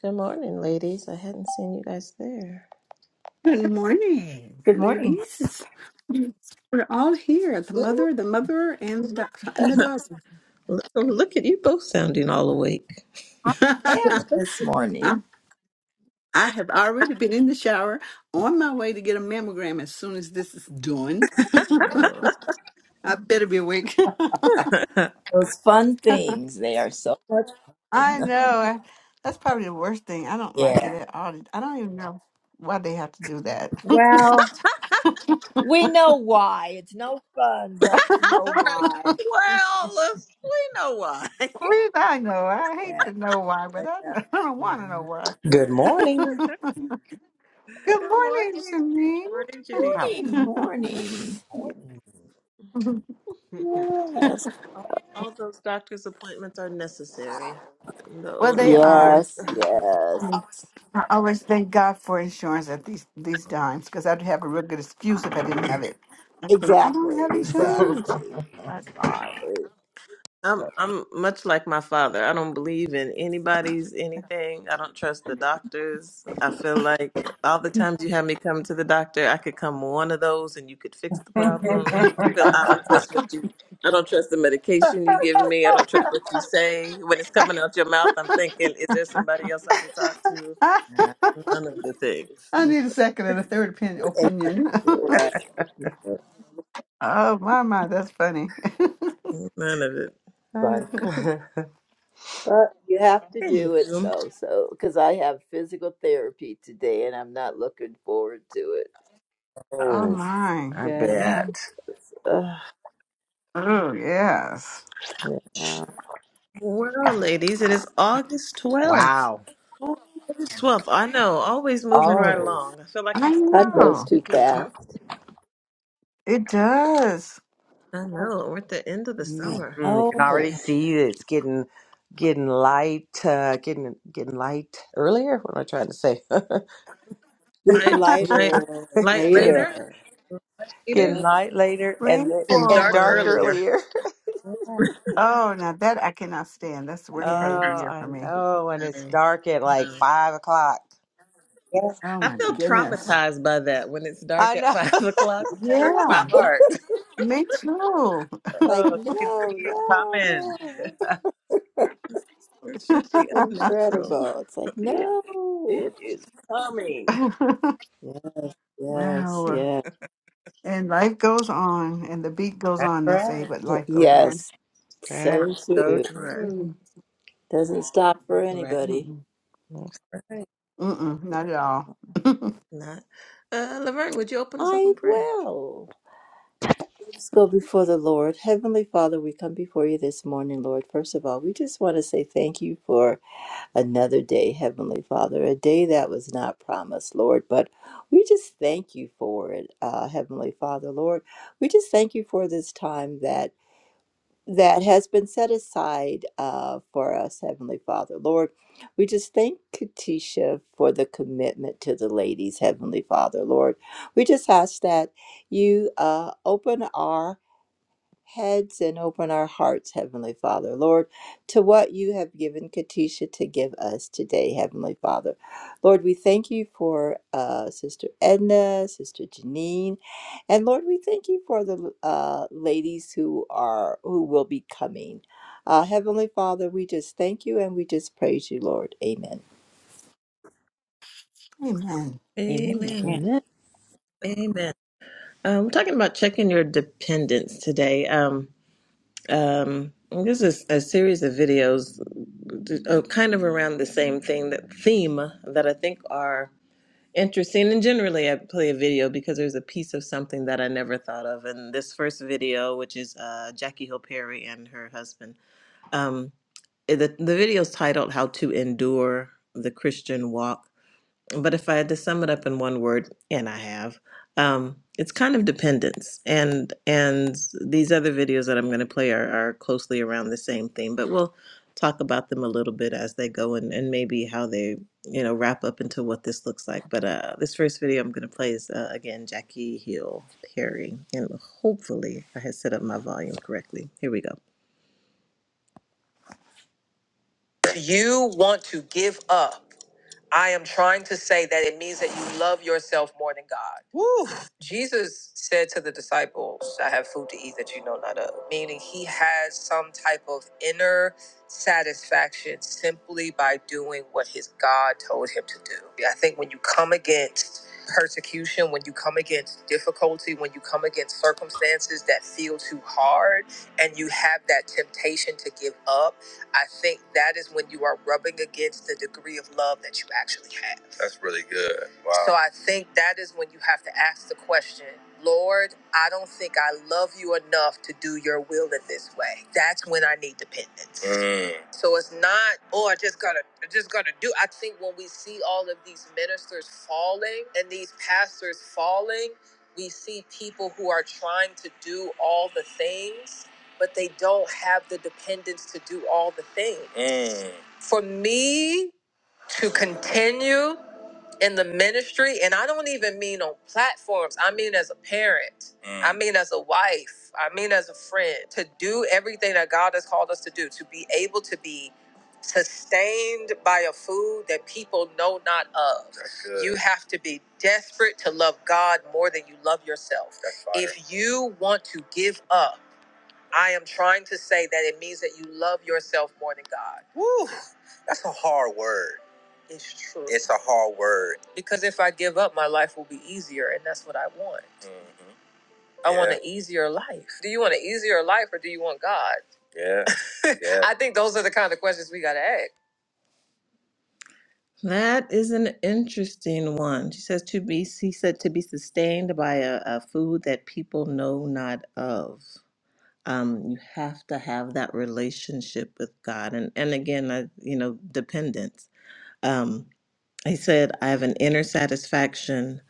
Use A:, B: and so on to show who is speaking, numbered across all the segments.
A: Good morning, ladies. I hadn't seen you guys there.
B: Good morning,
C: Good morning.
B: ladies. We're all here the
C: Good
B: mother, the mother, and the, doctor, and the daughter.
A: Look, look at you both sounding all awake.
C: I am this morning.
B: I'm- I have already been in the shower on my way to get a mammogram as soon as this is done.
C: Uh,
B: I better be awake.
A: all
C: Those fun things, they are so much
B: I
C: fun.
B: know. That's probably the worst thing. I don't like it
C: Yeah.
B: at all. I don't even know why they have to do that.
C: Well, we know why. It's no fun, but we know
A: right.
C: why.
A: Well, uh, we know why.
B: Please, I know. I hate
C: Yeah.
B: to know why, but I
C: Yeah.
B: don't, I don't want to know
C: yeah.
B: why.
D: Good morning.
B: Good
A: Good morning.
B: morning,
A: Morning, Janine.
D: Wow.
C: Morning, morning.
B: Janine.
C: Yes.
A: all, all those doctor's appointments are necessary. The
B: Well,
A: old.
B: they are.
C: Yes, yes.
B: Yes. I always thank God for insurance at these these times because I'd have a real good excuse if I didn't have it. I think I don't
C: Exactly,
B: have insurance.
C: exactly.
B: I-
C: Right.
A: I'm
B: So
A: I'm much like my father. I don't believe in anybody's anything. I don't trust the doctors. I feel like all the times you have me come to the doctor, I could come one of those and you could fix the problem. I feel I don't trust what you I don't trust the medication you give me. I don't trust what you say. When it's coming out your mouth, I'm thinking, is there somebody else I could talk to? None of the things.
B: I need a second and a third opin-
C: Exactly.
B: opinion.
A: Right.
C: It's yeah, it's
B: oh my my, that's funny.
A: None of it.
C: fun.
D: Uh,
C: But you have to do it
A: Anywho,
C: though, so because I have physical therapy today, and I'm not looking forward to it.
B: Oh
D: Oh,
B: my,
D: I
C: Yes,
B: yeah.
D: bet.
C: Ugh,
B: Oh yes.
C: yeah.
A: Well, ladies, it is August 12th.
D: Wow.
A: Twelfth, I know. Always moving
B: Mm.
A: right
D: Always.
A: along. I feel like
B: I
A: I'm,
C: time goes
B: know
C: too fast.
B: it does.
A: I know we're at the end of the
D: Mm.
C: I
A: summer.
D: Mm, you can
C: know,
D: already see that it's getting getting light, uh, getting getting light earlier. What am I trying to say?
C: getting
A: Light, light,
C: lighter
A: light
D: getting
A: later,
C: later.
A: later,
D: getting
C: Yeah,
D: light later and
B: Bring
D: the-
A: and
D: and
A: dark
D: dark
B: forward.
A: earlier.
D: earlier.
B: Oh, now that I cannot stand. That's the
D: Oh,
B: worst part
C: yeah,
B: of the year
D: I
B: for me.
D: know. And it's
A: Mm,
D: dark at like
A: mm.
D: five o'clock.
C: yeah.
B: Oh
A: I
B: my
A: feel
B: goodness.
A: traumatized by that when it's dark
D: I
A: at
D: know.
A: five o'clock. It hurts
B: Yeah,
A: my heart.
B: me too.
C: like
D: oh, you can
C: no,
D: see it coming.
C: no,
A: It should be unnatural.
C: incredible. It's like
D: It,
C: no.
D: it is coming.
C: Yeah, yes,
B: wow.
C: yeah,
B: And life goes on, and the beat goes
D: That's
B: on, they
D: right.
B: say, but life goes
A: Right,
B: on.
C: yes.
D: That
C: So
D: is so
C: true.
A: right,
D: true.
B: Mm,
C: Doesn't stop for
A: right.
C: anybody.
B: Mm-mm.
D: That's right.
B: Mm-mm, not at all.
A: Not. Uh, Laverne, would you open us up
C: I
A: in prayer?
C: will. Let's go before the Lord. Heavenly Father, we come before you this morning, Lord. First of all, we just want to say thank you for another day, Heavenly Father, a day that was not promised, Lord, but we just thank you for it, uh, Heavenly Father, Lord. We just thank you for this time that. that has been set aside uh, for us, Heavenly Father. Lord, we just thank Katisha for the commitment to the ladies, Heavenly Father. Lord, we just ask that you uh, open our heads and open our hearts, Heavenly Father, Lord, to what you have given Katisha to give us today, Heavenly Father. Lord, we thank you for uh, Sister Edna, Sister Janine, and Lord, we thank you for the uh, ladies who are who will be coming. Uh, Heavenly Father, we just thank you and we just praise you, Lord. Amen.
B: Amen.
C: Amen.
A: Amen.
D: Man.
C: Amen.
A: Amen. Um, we're talking about checking your dependence today. Um, um, this is a series of videos uh, kind of around the same thing, that theme that I think are Interesting. And generally, I play a video because there's a piece of something that I never thought of. And this first video, which is uh, Jackie Hill Perry and her husband, um, eh, the, the video is titled How to Endure the Christian Walk but if I had to sum it up in one word, and I have, um, it's kind of dependence. And and these other videos that I'm going to play are, are closely around the same theme, but we'll talk about them a little bit as they go and, and maybe how they you know wrap up into what this looks like. But uh, this first video I'm going to play is uh, again Jackie Hill Perry, and hopefully I had set up my volume correctly. Here we go. You want to give up. I am trying to say that it means that you love yourself more than God. Jesus said to the disciples, I have food to eat that you know not of, meaning he had some type of inner satisfaction simply by doing what his God told him to do. I think when you come against persecution, when you come against difficulty, when you come against circumstances that feel too hard, and you have that temptation to give up, I think that is when you are rubbing against the degree of love that you actually have. That's really good. Wow. So I think that is when you have to ask the question, Lord, I don't think I love you enough to do your will in this way. That's when I need dependence. Mm. So it's not, oh, I just gotta, I just gotta do. I think when we see all of these ministers falling and these pastors falling, we see people who are trying to do all the things but they don't have the dependence to do all the things. Mm. For me to continue in the ministry, and I don't even mean on platforms, I mean as a parent, Mm. I mean as a wife, I mean as a friend, to do everything that God has called us to do, to be able to be sustained by a food that people know not of. That's good. You have to be desperate to love God more than you love yourself. That's fire. If you want to give up, I am trying to say that it means that you love yourself more than God. Woo! That's a hard word. It's true. It's a hard word. Because if I give up, my life will be easier, and that's what I want. Mhm. I want Yeah. an easier life. Do you want an easier life or do you want God? Yeah. yeah. I think those are the kind of questions we got to ask. That is an interesting one. She says to be, she said to be sustained by a, a food that people know not of um, you have to have that relationship with God, and and again, I, you know, dependence. Um, he said, I have an inner satisfaction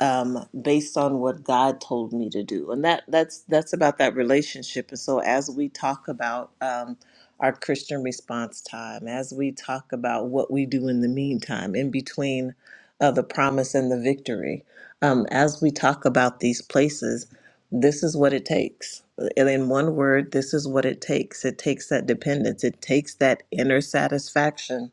A: um, based on what God told me to do. And that that's that's about that relationship. And so as we talk about um, our Christian response time, as we talk about what we do in the meantime, in between uh, the promise and the victory, um, as we talk about these places, this is what it takes. And in one word, this is what it takes. It takes that dependence. It takes that inner satisfaction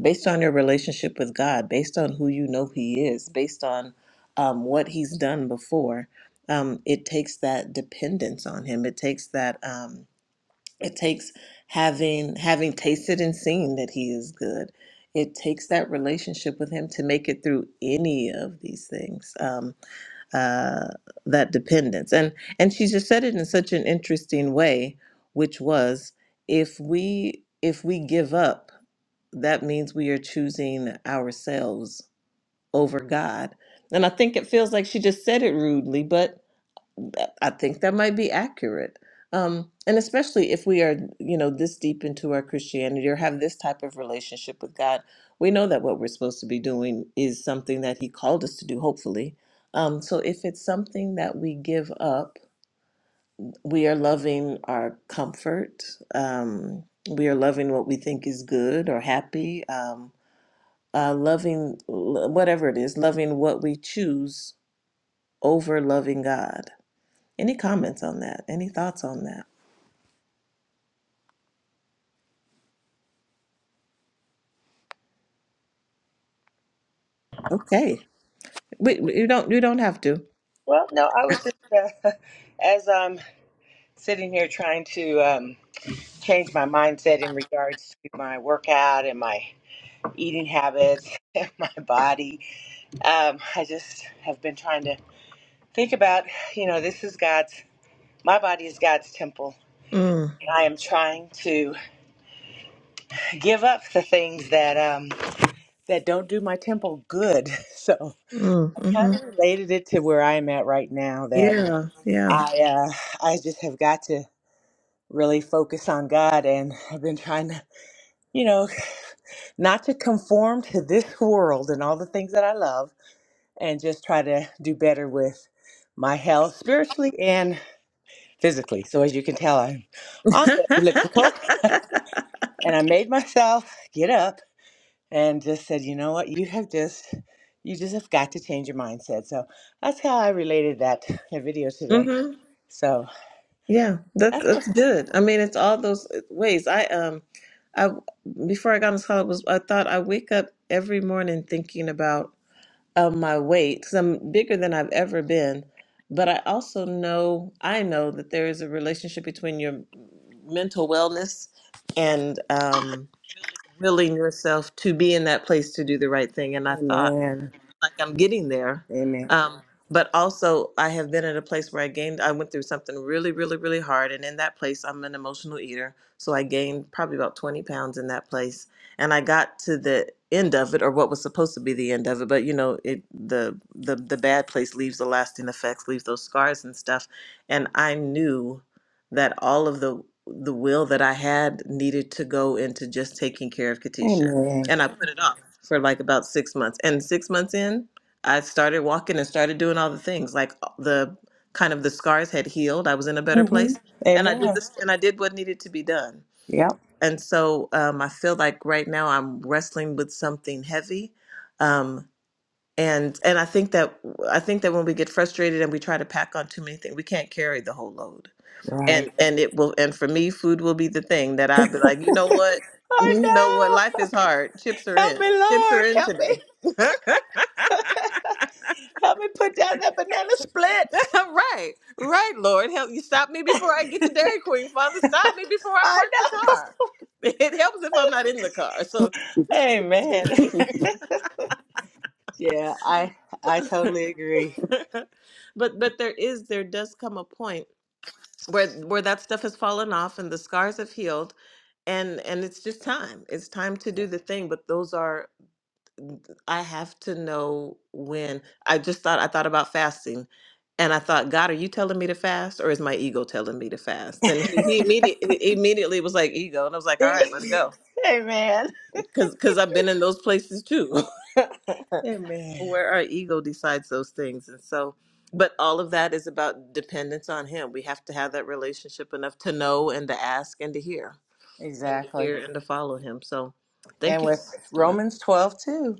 A: based on your relationship with God, based on who you know He is, based on um, what He's done before. Um, it takes that dependence on Him. It takes that. Um, it takes having having tasted and seen that He is good. It takes that relationship with Him to make it through any of these things. Um, uh, that dependence. And and she just said it in such an interesting way, which was if we if we give up, that means we are choosing ourselves over God. And I think it feels like she just said it rudely, but that- I think that might be accurate. Um, and especially if we are, you know, this deep into our Christianity or have this type of relationship with God, we know that what we're supposed to be doing is something that He called us to do, hopefully. Um, so if it's something that we give up, we are loving our comfort. Um, we are loving what we think is good or happy. Um, uh, loving l- whatever it is, loving what we choose over loving God. Any comments on that? Any thoughts on that? Okay. We, we- you don't you don't have to.
D: Well, no, I was just uh, as I'm sitting here trying to um, change my mindset in regards to my workout and my eating habits and my body. Um, I just have been trying to think about, you know, this is God's. My body is God's temple.
A: Mm,
D: And I am trying to give up the things that um, that don't do my temple good. So
A: mm,
D: kind
A: mm-hmm.
D: of related it to where I am at right now. That.
A: Yeah, yeah.
D: I uh, I just have got to really focus on God, and I've been trying to, you know, not to conform to this world and all the things that I love, and just try to do better with my health, spiritually and physically. So as you can tell, I'm on the elliptical, and I made myself get up and just said, you know what, you have just you just have got to change your mindset. So that's how I related that video today.
A: Mm-hmm.
D: So
A: Yeah. That's
D: that's
A: that's
D: where.
A: good. I mean, it's all those ways. I um I before I got on this call, it was I thought I wake up every morning thinking about um, my weight because I'm bigger than I've ever been. But I also know I know that there is a relationship between your mental wellness and um, willing yourself to be in that place to do the right thing. And I thought,
D: Amen.
A: like I'm getting there.
D: Amen.
A: Um, but also, I have been at a place where I gained, I went through something really, really, really hard. And in that place, I'm an emotional eater. So I gained probably about 20 pounds in that place. And I got to the end of it, or what was supposed to be the end of it. But, you know, it, the, the, the bad place leaves the lasting effects, leaves those scars and stuff. And I knew that all of the, the will that I had needed to go into just taking care of Katisha.
D: Amen.
A: And I put it off for like about six months. And six months in, I started walking and started doing all the things. Like uh, the kind of the scars had healed. I was in a better
D: hmm
A: place, and I did
D: Amen.
A: this, and I did what needed to be done.
D: Yep.
A: And so um, I feel like right now I'm wrestling with something heavy, um, and and I think that I think that when we get frustrated and we try to pack on too many things, we can't carry the whole load
D: Right.
A: and and it will and for me food will be the thing that i'll be like you know what
D: Oh
A: you know what life
D: no!
A: is hard chips are
D: Help
A: in
D: me,
A: chips are
D: Lord.
A: in
D: Help me.
A: today
D: Help me put down that banana split.
A: right right lord help you stop me before i get to dairy queen father stop me before i
D: I
A: park the
D: know.
A: car it helps if i'm not in the car so it's good to
D: Amen.
A: me
D: yeah, I I totally agree.
A: but but there is there does come a point where where that stuff has fallen off and the scars have healed and and it's just time it's time to do the thing but those are I have to know when. I just thought I thought about fasting, and I thought, God, are you telling me to fast, or is my ego telling me to fast? And he, he immediately immediately was like ego, and I was like, all right, let it go,
D: Amen.
A: because because I've been in those places too,
D: Amen.
A: where our ego decides those things, and so. But all of that is about dependence on Him. We have to have that relationship enough to know and to ask and to hear and to
D: Exactly.
A: hear and to follow Him. So, thank
D: And
A: you for
D: with
A: this story.
D: Romans twelve too,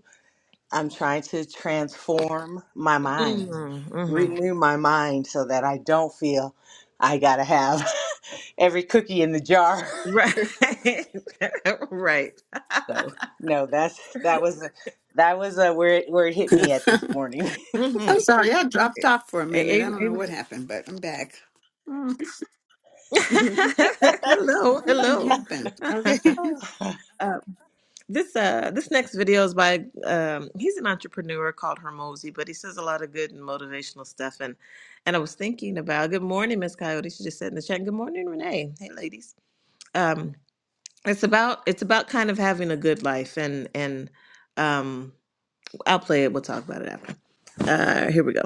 D: I'm trying to transform my mind,
A: Mm-hmm,
D: renew my mind so that I don't feel I gotta have. every cookie in the jar.
A: Right. right.
D: So no, that's that was that was uh, where it, where it hit me at this morning.
A: hmm
B: I'm sorry, I dropped off for a minute. I don't know
A: Amen.
B: what happened, but I'm back. Mm.
A: hello,
B: Something
A: hello.
B: happened. Okay.
A: uh, this uh, this next video is by um, he's an entrepreneur called Hermosi, but he says a lot of good and motivational stuff. And and I was thinking about good morning, Miss Coyote. She just said in the chat, "Good morning, Renee." Hey, ladies. Um, it's about it's about kind of having a good life, and and um, I'll play it. We'll talk about it after. Uh, here we go.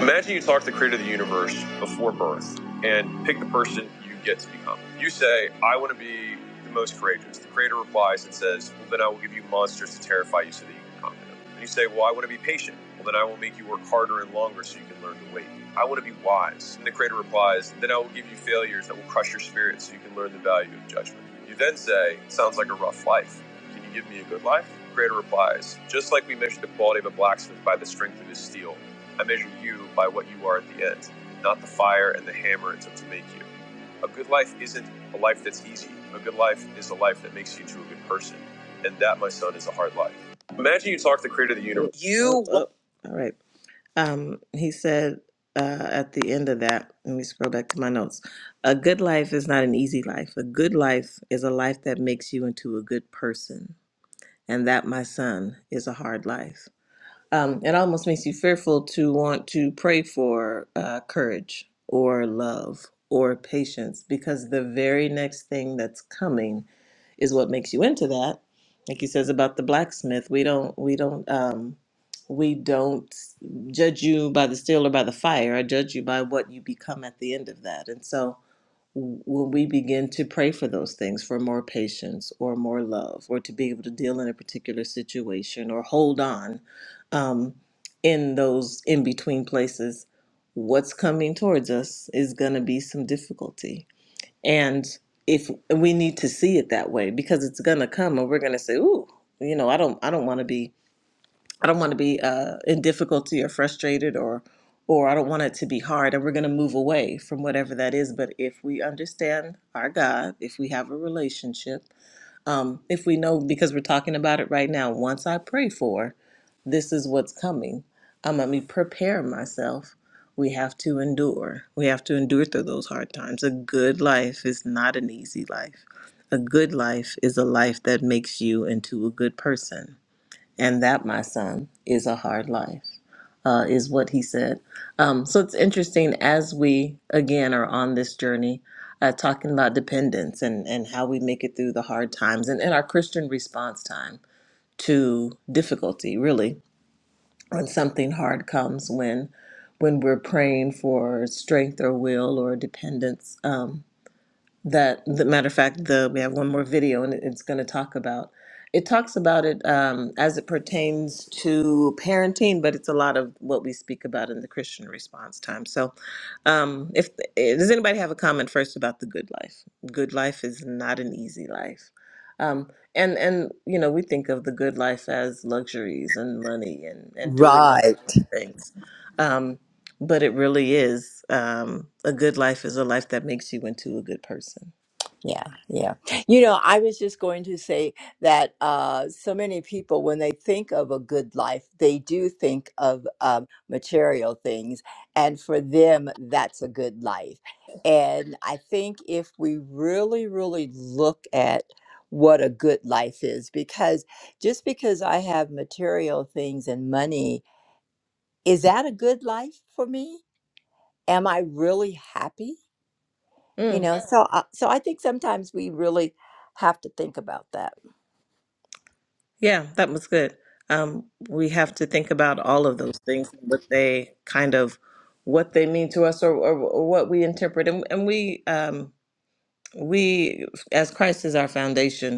A: Imagine you talk to the creator of the universe before birth and pick the person you get to become. You say, I want to be the most courageous. The creator replies and says, Well, then I will give you monsters to terrify you so that you can conquer them. And you say, Well, I want to be patient. Well, then I will make you work harder and longer so you can learn to wait. I want to be wise. And the creator replies, Then I will give you failures that will crush your spirit so you can learn the value of judgment. You then say, it Sounds like a rough life. Can you give me a good life? The Creator replies, Just like we measure the quality of a blacksmith by the strength of his steel, I measure you by what you are at the end, not the fire and the hammer it's up to make you. A good life isn't a life that's easy. A good life is a life that makes you into a good person. And that, my son, is a hard life. Imagine you talk to the creator of the universe. You. Oh, oh. All right. Um, he said uh, at the end of that, let me scroll back to my notes. A good life is not an easy life. A good life is a life that makes you into a good person. And that, my son, is a hard life. Um, it almost makes you fearful to want to pray for uh, courage or love or patience because the very next thing that's coming is what makes you into that. Like he says about the blacksmith, we don't we don't um, we don't judge you by the steel or by the fire. I judge you by what you become at the end of that. And so when we begin to pray for those things for more patience or more love or to be able to deal in a particular situation or hold on um, in those in between places what's coming towards us is going to be some difficulty and if we need to see it that way, because it's gonna come, and we're gonna say, "Ooh, you know, I don't, I don't want to be, I don't want to be uh, in difficulty or frustrated, or, or I don't want it to be hard," and we're gonna move away from whatever that is. But if we understand our God, if we have a relationship, um, if we know, because we're talking about it right now, once I pray for, this is what's coming. I'm going to prepare myself. We have to endure. We have to endure through those hard times. A good life is not an easy life. A good life is a life that makes you into a good person and that, my son, is a hard life, uh, is what he said. Um, so it's interesting as we, again, are on this journey, uh, talking about dependence and, and how we make it through the hard times and, and our Christian response time to difficulty, really, when something hard comes, when when we're praying for strength or will or dependence. Um, that the matter of fact the we have one more video and it- it's going to talk about it talks about it um, as it pertains to parenting but it's a lot of what we speak about in the christian response time so um, if eh, does anybody have a comment first about the good life good life is not an easy life um, and and you know we think of the good life as luxuries and money and and doing all
C: Right.
A: these things um, but it really is um, a good life is a life that makes you into a good person
C: Yeah, yeah. You know, I was just going to say that uh, so many people, when they think of a good life, they do think of um, material things. And for them, that's a good life. And I think if we really, really look at what a good life is, because just because I have material things and money, is that a good life for me? Am I really happy? you
A: Mm,
C: know so uh, so i think sometimes we really have to think about that
A: yeah, that was good. Um, we have to think about all of those things, what they kind of, what they mean to us, or, or, or what we interpret, and, and we um, we as Christ is our foundation.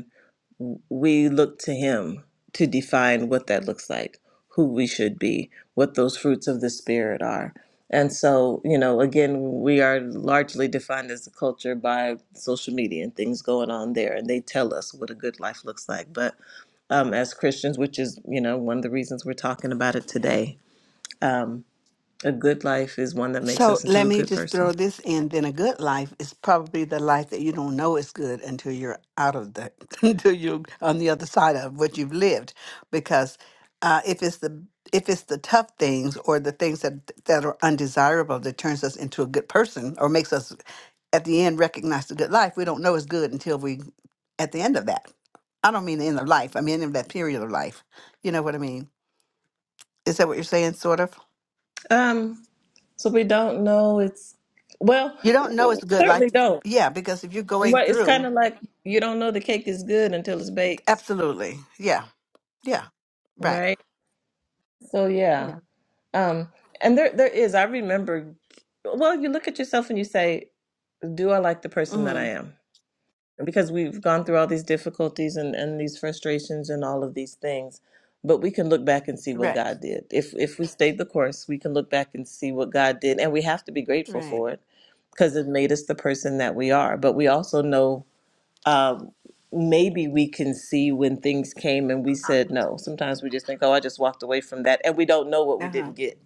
A: we look to him to define what that looks like, who we should be, what those fruits of the spirit are. And so, you know, again, we are largely defined as a culture by social media and things going on there, and they tell us what a good life looks like. But um, as Christians, which is, you know, one of the reasons we're talking about it today, um, a good life is one that makes
B: So
A: us into
B: let
A: a
B: me
A: good
B: just throw
A: person.
B: this in. Then a good life is probably the life that you don't know is good until you're out of the, until you're on the other side of what you've lived. Because uh, if it's the if it's the tough things or the things that that are undesirable that turns us into a good person or makes us at the end recognize the good life, we don't know is good until we at the end of that. I don't mean the end of life. I mean end of that period of life. You know what I mean? Is that what you're saying? Sort of.
A: Um, so we don't know it's, well,
B: You don't know it's good, like
A: certainly don't.
B: yeah, because if you're going
A: Well, it's kind
B: through,
A: of like you don't know the cake is good until it's baked,
B: absolutely, yeah, yeah, right,
A: right? So yeah.
B: yeah,
A: Um, and there there is, I remember, well, you look at yourself and you say, do I like the person that
B: mm-hmm.
A: I am? Because we've gone through all these difficulties and, and these frustrations and all of these things, but we can look back and see what
B: right,
A: God did. If if we stayed the course, we can look back and see what God did, and we have to be grateful
B: right,
A: for it because it made us the person that we are. But we also know um, maybe we can see when things came and we said no. Sometimes we just think, oh, I just walked away from that, and we don't know what we
B: uh huh,
A: didn't get.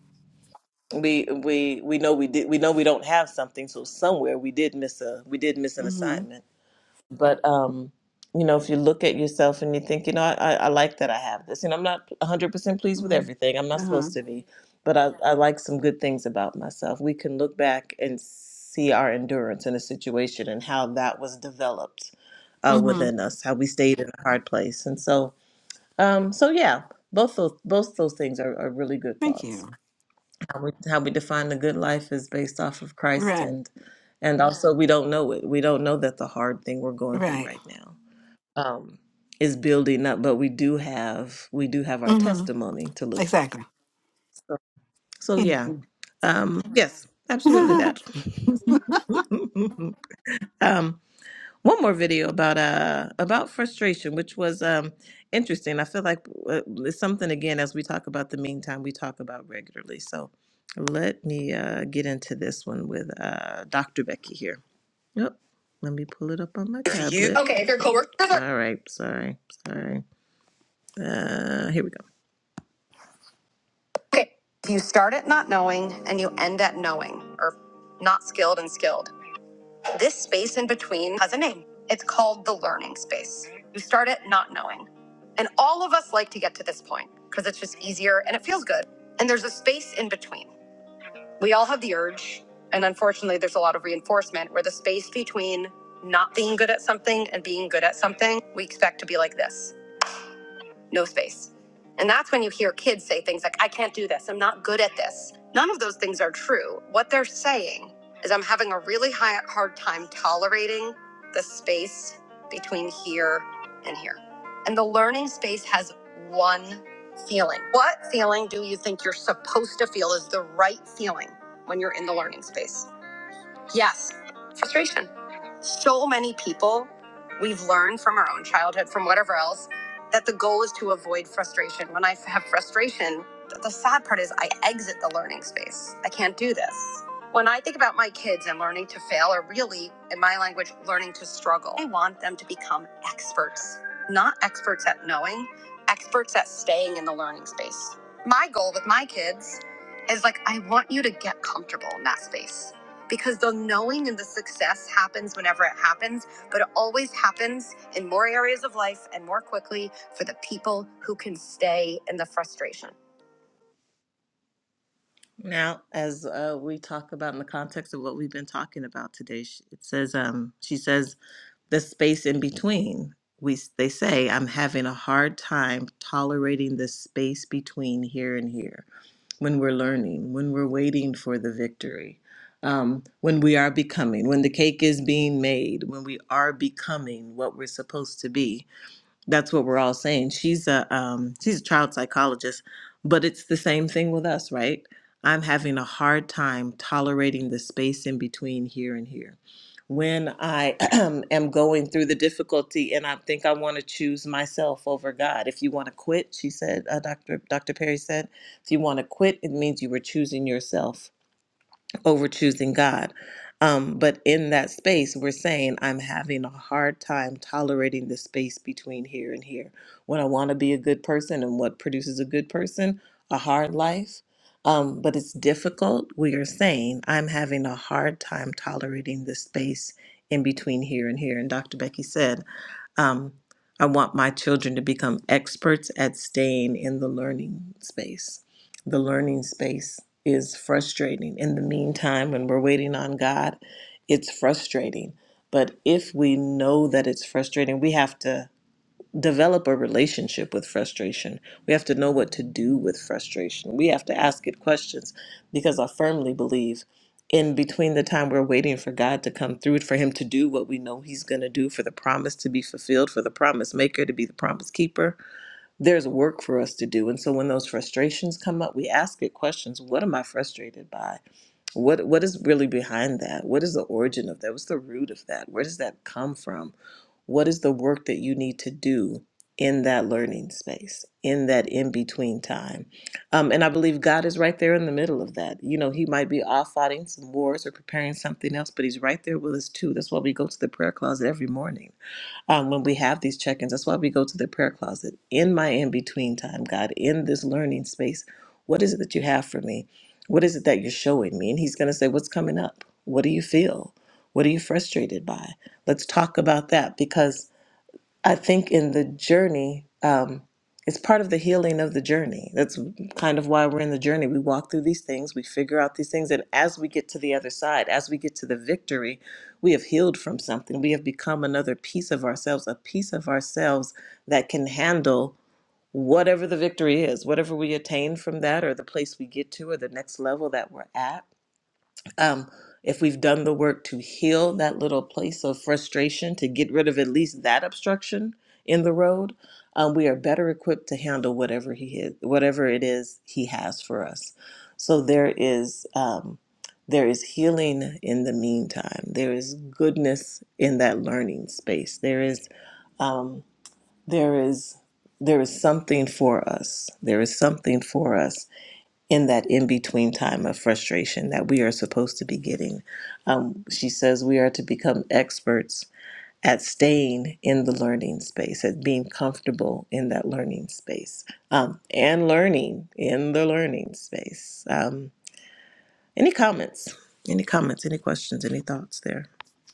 A: We we we know we did. We know we don't have something, so somewhere we did miss a we did miss an
B: mm-hmm,
A: assignment but um you know if you look at yourself and you think you know i, I I like that i have this and i'm not 100% pleased with
B: mm-hmm.
A: everything i'm not
B: uh huh,
A: supposed to be but I, I like some good things about myself we can look back and see our endurance in a situation and how that was developed uh,
B: mm-hmm.
A: within us how we stayed in a hard place and so um so yeah both those both those things are, are really good
B: Thank
A: thoughts
B: you.
A: how we, how we define the good life is based off of christ
B: Right,
A: and and also we don't know it we don't know that the hard thing we're going through
B: right,
A: right now um, is building up, but we do have we do have our
B: mm-hmm.
A: testimony to look. at.
B: Exactly.
A: So, so yeah,
B: Mhm.
A: um, yes, absolutely that. um, one more video about uh about frustration, which was um interesting. I feel like uh, it's something again as we talk about the meantime we talk about regularly. So let me uh, get into this one with uh, Dr. Becky here. Yep. Let me pull it up on my If you- tablet. Okay, if your coworkers are. All right. Sorry. Sorry. Uh, here we go. Okay. so You start at not knowing and you end at knowing or not skilled and skilled. This space in between has a name. It's called the learning space. You start at not knowing. And all of us like to get to this point because it's just easier and it feels good. And there's a space in between. We all have the urge. And unfortunately, there's a lot of reinforcement where the space between not being good at something and being good at something, we expect to be like this. no space. And that's when you hear kids say things like, I can't do this, I'm not good at this. None of those things are true. What they're saying is, I'm having a really high, hard time tolerating the space between here and here. And the learning space has one feeling. What feeling do you think you're supposed to feel is the right feeling when you're in the learning space? Yes, frustration. So many people, we've learned from our own childhood, from whatever else, that the goal is to avoid frustration. When I have frustration, the sad part is I exit the learning space. I can't do this. When I think about my kids and learning to fail, or really, in my language, learning to struggle, I want them to become experts, not experts at knowing, experts at staying in the learning space. My goal with my kids is like, I want you to get comfortable in that space because the knowing and the success happens whenever it happens, but it always happens in more areas of life and more quickly for the people who can stay in the frustration. Now, as uh, we talk about in the context of what we've been talking about today, sh- it says, um, she says, the space in between. We they say I'm having a hard time tolerating the space between here and here when we're learning, when we're waiting for the victory, um, when we are becoming, when the cake is being made, when we are becoming what we're supposed to be that's what we're all saying. She's a um, she's a child psychologist, but it's the same thing with us, right? I'm having a hard time tolerating the space in between here and here. When I am going through the difficulty and I think I want to choose myself over God. If you want to quit, she said, uh, Dr. Dr. Perry said, if you want to quit, it means you were choosing yourself over choosing God. Um, but in that space, we're saying, I'm having a hard time tolerating the space between here and here. When I want to be a good person and what produces a good person, a hard life. Um, but it's difficult. We are saying, I'm having a hard time tolerating the space in between here and here. And Dr. Becky said, um, I want my children to become experts at staying in the learning space. The learning space is frustrating. In the meantime, when we're waiting on God, it's frustrating. But if we know that it's frustrating, we have to develop a relationship with frustration. We have to know what to do with frustration. We have to ask it questions because I firmly believe in between the time we're waiting for God to come through, for Him to do what we know He's going to do, for the promise to be fulfilled, for the promise maker to be the promise keeper there's work for us to do. And so when those frustrations come up, we ask it questions. What am I frustrated by? What what is really behind that? What is the origin of that? What's the root of that? Where does that come from? What is the work that you need to do in that learning space, in that in between time? Um, and I believe God is right there in the middle of that. You know, He might be off fighting some wars or preparing something else, but He's right there with us too. That's why we go to the prayer closet every morning um, when we have these check ins. That's why we go to the prayer closet in my in between time, God, in this learning space. What is it that you have for me? What is it that you're showing me? And He's going to say, What's coming up? What do you feel? What are you frustrated by? Let's talk about that because I think in the journey, um, it's part of the healing of the journey. That's kind of why we're in the journey. We walk through these things, we figure out these things, and as we get to the other side, as we get to the victory, we have healed from something. We have become another piece of ourselves, a piece of ourselves that can handle whatever the victory is, whatever we attain from that, or the place we get to, or the next level that we're at um, if we've done the work to heal that little place of frustration, to get rid of at least that obstruction in the road, um, we are better equipped to handle whatever he is, whatever it is he has for us. So there is um, there is healing in the meantime. There is goodness in that learning space. There is um, there is there is something for us. There is something for us in that in between time of frustration that we are supposed to be getting. Um, she says we are to become experts at staying in the learning space, at being comfortable in that learning space, um, and learning in the learning space. Um, any comments? Any comments? Any questions? Any thoughts there?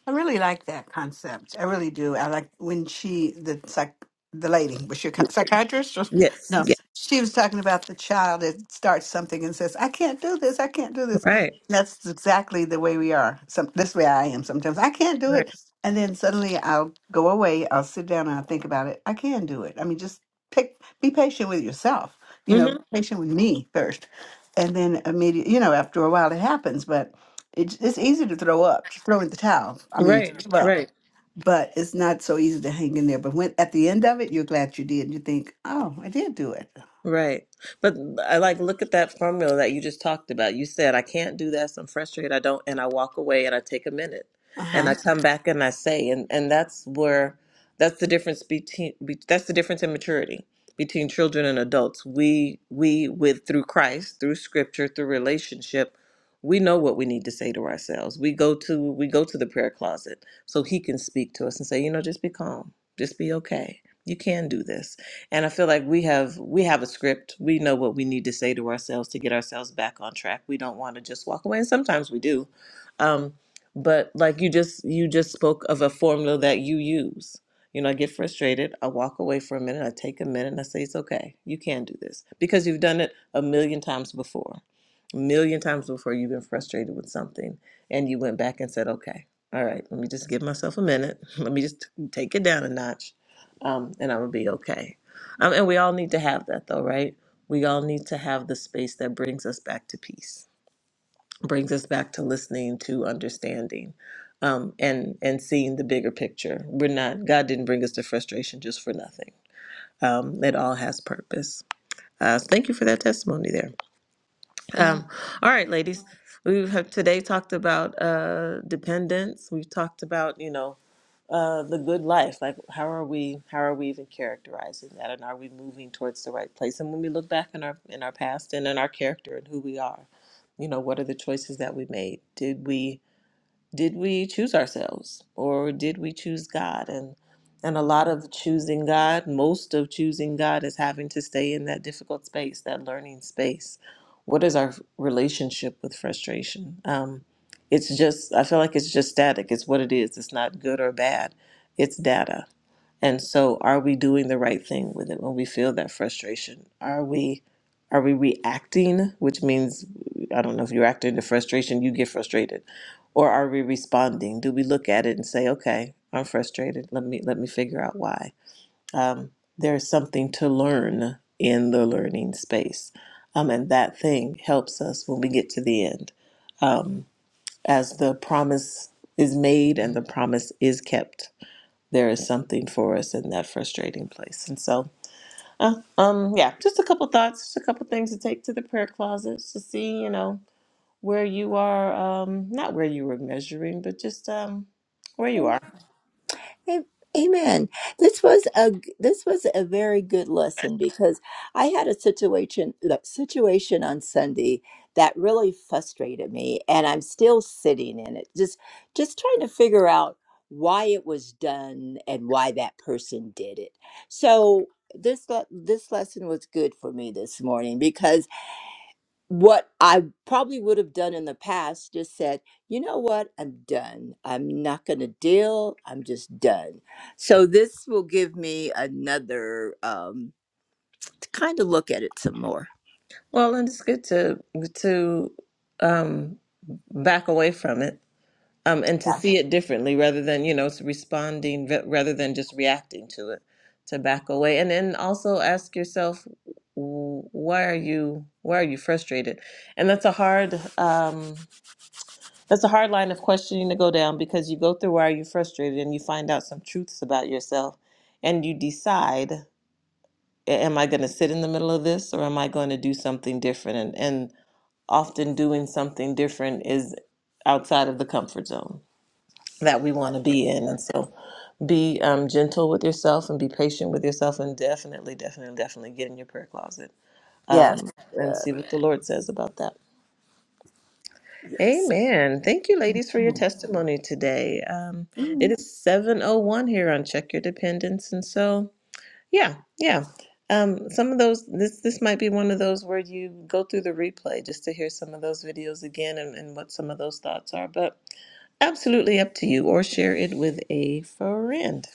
B: I really like that concept. I really do. I like when she, the psych, the lady, was she a psych- psychiatrist? Or,
A: Yes.
B: no,
A: Yeah.
B: she was talking about the child that starts something and says, "I can't do this. I can't do this."
A: Right.
B: That's exactly the way we are. Some this way I am sometimes. I can't do
A: Right.
B: it, and then suddenly I'll go away. I'll sit down and I'll think about it. I can do it. I mean, just pick. Be patient with yourself. You know,
A: hmm
B: be patient with me first, and then immediately. You know, after a while it happens, but. It's it's easy to throw up, to throw in the towel. I mean, to
A: Right.
B: give up,
A: Right.
B: but it's not so easy to hang in there. But when at the end of it, you're glad you did. and You think, oh, I did do it.
A: Right. But I like look at that formula that you just talked about. You said I can't do this, I'm frustrated, I don't and I walk away and I take a minute.
B: Uh
A: And I
B: huh.
A: come back and I say and and that's where that's the difference between be, that's the difference in maturity between children and adults. We we with through Christ, through scripture, through relationship, we know what we need to say to ourselves. We go to we go to the prayer closet so he can speak to us and say, "You know, just be calm. Just be okay. You can do this." and i feel like we have we have a script we know what we need to say to ourselves to get ourselves back on track we don't want to just walk away and sometimes we do um but like you just you just spoke of a formula that you use you know i get frustrated i walk away for a minute i take a minute and i say it's okay you can do this because you've done it a million times before a million times before you've been frustrated with something and you went back and said okay all right let me just give myself a minute let me just take it down a notch um, and i'm gonna be okay um, and we all need to have that, though, right? We all need to have the space that brings us back to peace, brings us back to listening, to understanding, um, and and seeing the bigger picture. We're not God didn't bring us to frustration just for nothing. Um, it all has purpose. Uh, thank you for that testimony there. Um, all right, ladies. We have today talked about uh, dependence. We've talked about you know uh, the good life. Like how are we? How are we even characterizing that? And are we moving towards the right place? And when we look back in our in our past and in our character and who we are, you know, what are the choices that we made? Did we? did we choose ourselves or did we choose God? And and a lot of choosing God, most of choosing God is having to stay in that difficult space, that learning space. What is our relationship with frustration? Um, it's just I feel like it's just static. It's what it is. It's not good or bad. It's data. And so are we doing the right thing with it when we feel that frustration? Are we are we reacting, which means I don't know if you're acting to frustration, you get frustrated or are we responding? Do we look at it and say, "Okay, I'm frustrated. Let me let me figure out why." Um, there's something to learn in the learning space, um, and that thing helps us when we get to the end, um, as the promise is made and the promise is kept. There is something for us in that frustrating place, and so uh, um, yeah, just a couple thoughts, just a couple things to take to the prayer closet to see, you know, where you are, um, not where you were measuring, but just um, where you are.
C: A- amen this was a g- this was a very good lesson because i had a situation look, situation on sunday that really frustrated me and i'm still sitting in it just just trying to figure out why it was done and why that person did it so this le- this lesson was good for me this morning because what I probably would have done in the past just said, you know what, I'm done. I'm not going to deal. I'm just done. So this will give me another um, to kind of look at it some more.
A: Well, and it's good to to um, back away from it um, and to
C: Yeah.
A: see it differently rather than you know it's responding v- rather than just reacting to it. To back away, and then also ask yourself, w- why are you why are you frustrated? And that's a hard. Um, That's a hard line of questioning to go down because you go through why are you frustrated and you find out some truths about yourself and you decide, "A- am I going to sit in the middle of this or am I going to do something different? And, and often doing something different is outside of the comfort zone that we want to be in. And so be um, gentle with yourself and be patient with yourself and definitely, definitely, definitely get in your prayer closet
C: Yes. Yes.
A: um, and see what the Lord says about that.
C: Yes. Yes.
A: Amen. Thank you, ladies, for your
C: Mm,
A: testimony today. Um, it
C: mm,
A: is 7.01 here on Check Your Dependence. And so, yeah, yeah. Um, some of those, this, this might be one of those where you go through the replay just to hear some of those videos again and, and what some of those thoughts are, but absolutely up to you or share it with a friend.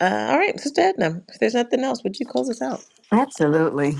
A: Uh, all right, Sister Edna, if there's nothing else, would you close us out?
B: Absolutely.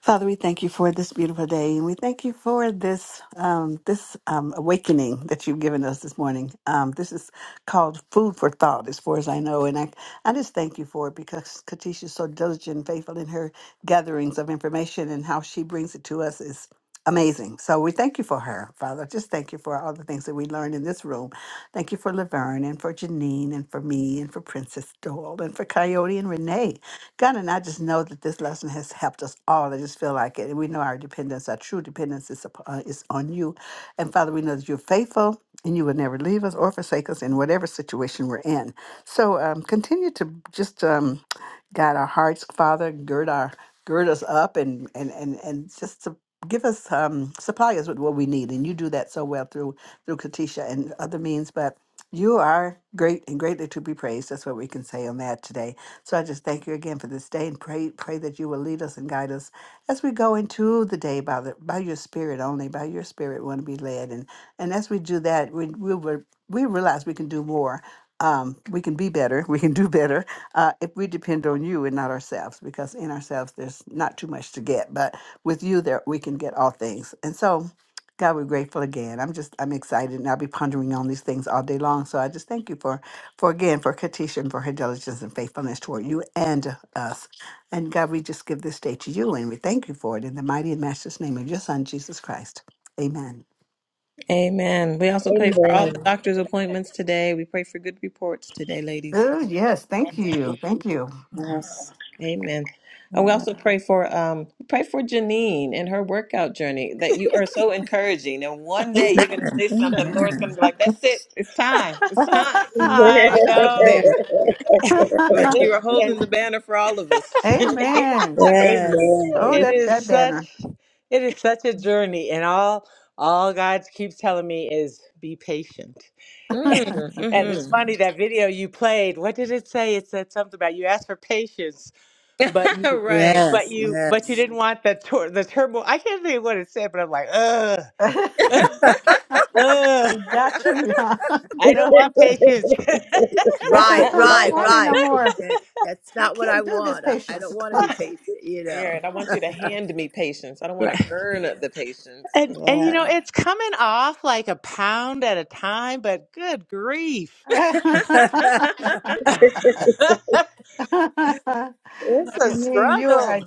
B: Father, we thank you for this beautiful day and we thank you for this um, this um, awakening that you've given us this morning. Um, this is called food for thought as far as I know. And I, I just thank you for it because Katisha is so diligent and faithful in her gatherings of information and how she brings it to us is Amazing. So we thank you for her, Father. Just thank you for all the things that we learned in this room. Thank you for Laverne and for Janine and for me and for Princess Doyle and for Coyote and Renee. God, and I just know that this lesson has helped us all. I just feel like it. And we know our dependence, our true dependence is, up- uh, is on you. And Father, we know that you're faithful and you will never leave us or forsake us in whatever situation we're in. So um, continue to just um, guide our hearts, Father, gird our gird us up and and and, and just to give us um, supply us with what we need, and you do that so well through through Katisha and other means. But you are great and greatly to be praised. That's what we can say on that today. So I just thank you again for this day and pray pray that you will lead us and guide us as we go into the day by the by your spirit only. By your spirit, we want to be led, and and as we do that, we we will. We realize we can do more um, we can be better, we can do better uh, if we depend on you and not ourselves, because in ourselves there's not too much to get, but with you there we can get all things. And so, God, we're grateful again. I'm just I'm excited, and I'll be pondering on these things all day long. So I just thank you for, for again for Katisha and for her diligence and faithfulness toward you and us. And God, we just give this day to you, and we thank you for it in the mighty and matchless name of your Son Jesus Christ. Amen.
A: Amen. We also pray for all the
E: Amen.
A: doctor's appointments today. We pray for good reports today, ladies.
B: Oh yes, thank you, thank you.
C: Yes.
A: Amen. And we
C: yes.
A: also pray for um pray for Janine and her workout journey that you are so encouraging. And one day you're gonna
C: Amen.
A: say something, Lord's gonna
C: Amen.
A: be like, That's it, it's time, it's time
D: I
A: up there.
D: know
C: Yes. Yes.
A: Like
D: it,
A: you are
D: and
A: holding the banner for all of us, Janine.
B: Amen.
C: Yes.
B: Oh,
E: Amen.
D: it
B: that,
D: is
B: that
D: such
B: banner.
D: it is such a journey, and all all God keeps telling me is be patient. and it's
A: Mm,
D: funny that video you played. What did it say? It said something about you asked for patience, but
A: hmm
D: you
A: right.
D: but
C: Yes. Yes.
D: you but
C: Yes.
D: you didn't want the tur- the turmoil. I can't think of what it said, but I'm like ugh. ugh.
B: we got to you, huh?
D: I don't
B: No,
D: want patience.
C: Right,
B: I don't
C: right,
B: want it no
C: right.
B: more.
C: Yeah, that's
B: I
C: not what I
B: can't do this,
C: want. I, I
B: patience.
C: don't want to be patient, you know.
A: Aaron, I want you to hand me patience. I don't want to
D: Right.
A: earn the patience.
D: and and you
C: Yes.
D: know, it's coming off like a pound at a time, but good grief. it's a
A: Well,
B: Janine, you are
D: struggle.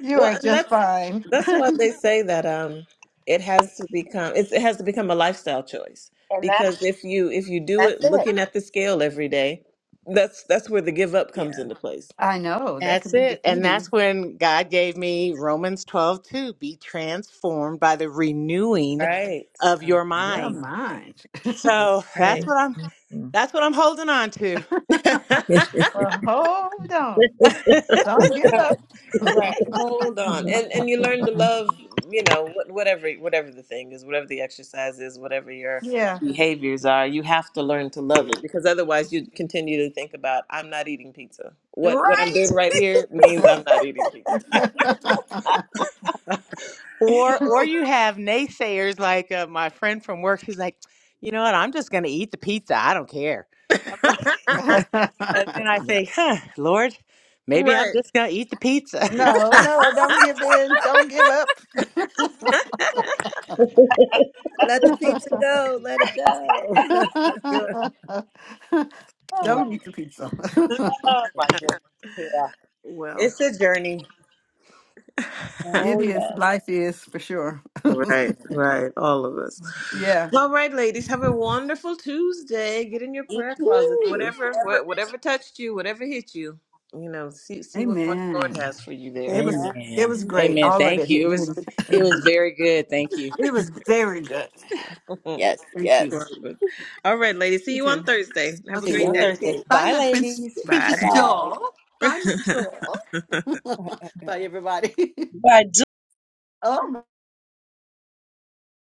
B: you are
A: and
B: just
A: that's
B: fine.
A: that's why they say that um it has to become it's, it has to become a lifestyle choice
D: And that
A: because if you if you do
D: that's
A: it
D: it.
A: looking at the scale every day, that's that's where the give up comes
C: yeah.
A: into place.
B: I know that
D: That's
B: could be
D: it. And that's
B: defeating.
D: when God gave me Romans twelve two. Be transformed by the renewing
A: Right.
D: of
C: Uh,
D: your
C: the
B: You're
D: mind.
C: mind.
B: mine.
D: So
A: Right.
D: that's what I'm
C: Mhm.
D: that's what I'm holding on to.
B: well, hold on. Don't give
A: Uh,
B: up.
A: Right. Hold on. And and you learn to love, you know, wh- whatever whatever the thing is, whatever the exercise is, whatever your
B: Yeah.
A: behaviors are, you have to learn to love it because otherwise you continue to think about I'm not eating pizza. What what I'm
D: right?
A: doing right here means I'm not eating pizza.
D: Or or you have naysayers like uh, my friend from work who's like, you know what, I'm just going to eat the pizza. I don't care. I'm like, and then I
C: Yeah.
D: think, huh, Lord, maybe I'm
A: Right.
D: just going to eat the pizza.
B: No, no, don't give in. Don't give up.
C: Let the pizza go. Let it go.
A: Good. Right.
B: don't eat the pizza.
D: oh my goodness. Yeah.
A: Well.
D: It's a journey.
B: it
C: Oh,
B: is.
C: yes.
B: Life is for sure.
A: Right, right, all of us.
B: yeah.
A: All right, ladies, have a wonderful Tuesday. Get in your
C: You
A: prayer closet.
C: too.
A: Whatever, wha-
C: Never-
A: whatever touched you, whatever hit you, you know, see see what more the Lord
B: Amen.
A: has for you there.
B: It was
C: Amen.
B: it
D: Amen.
B: was great.
D: Amen.
B: All of it
D: Thank
B: hit
D: you. It
B: me.
D: was it was very good. Thank you.
B: It was very good.
C: Yes,
B: Thank
C: yes.
B: you.
A: All right, ladies. See you
B: Okay.
A: on Thursday. Have a
D: See
B: Okay.
D: you
A: great
D: on
A: day.
C: Okay.
D: Thursday.
B: Bye
D: Bye
B: my prince
D: ladies.
C: Bye
B: Princess
A: Bye.
C: bye.
B: Doll. Bye my doll. Bye everybody.
E: By
B: oh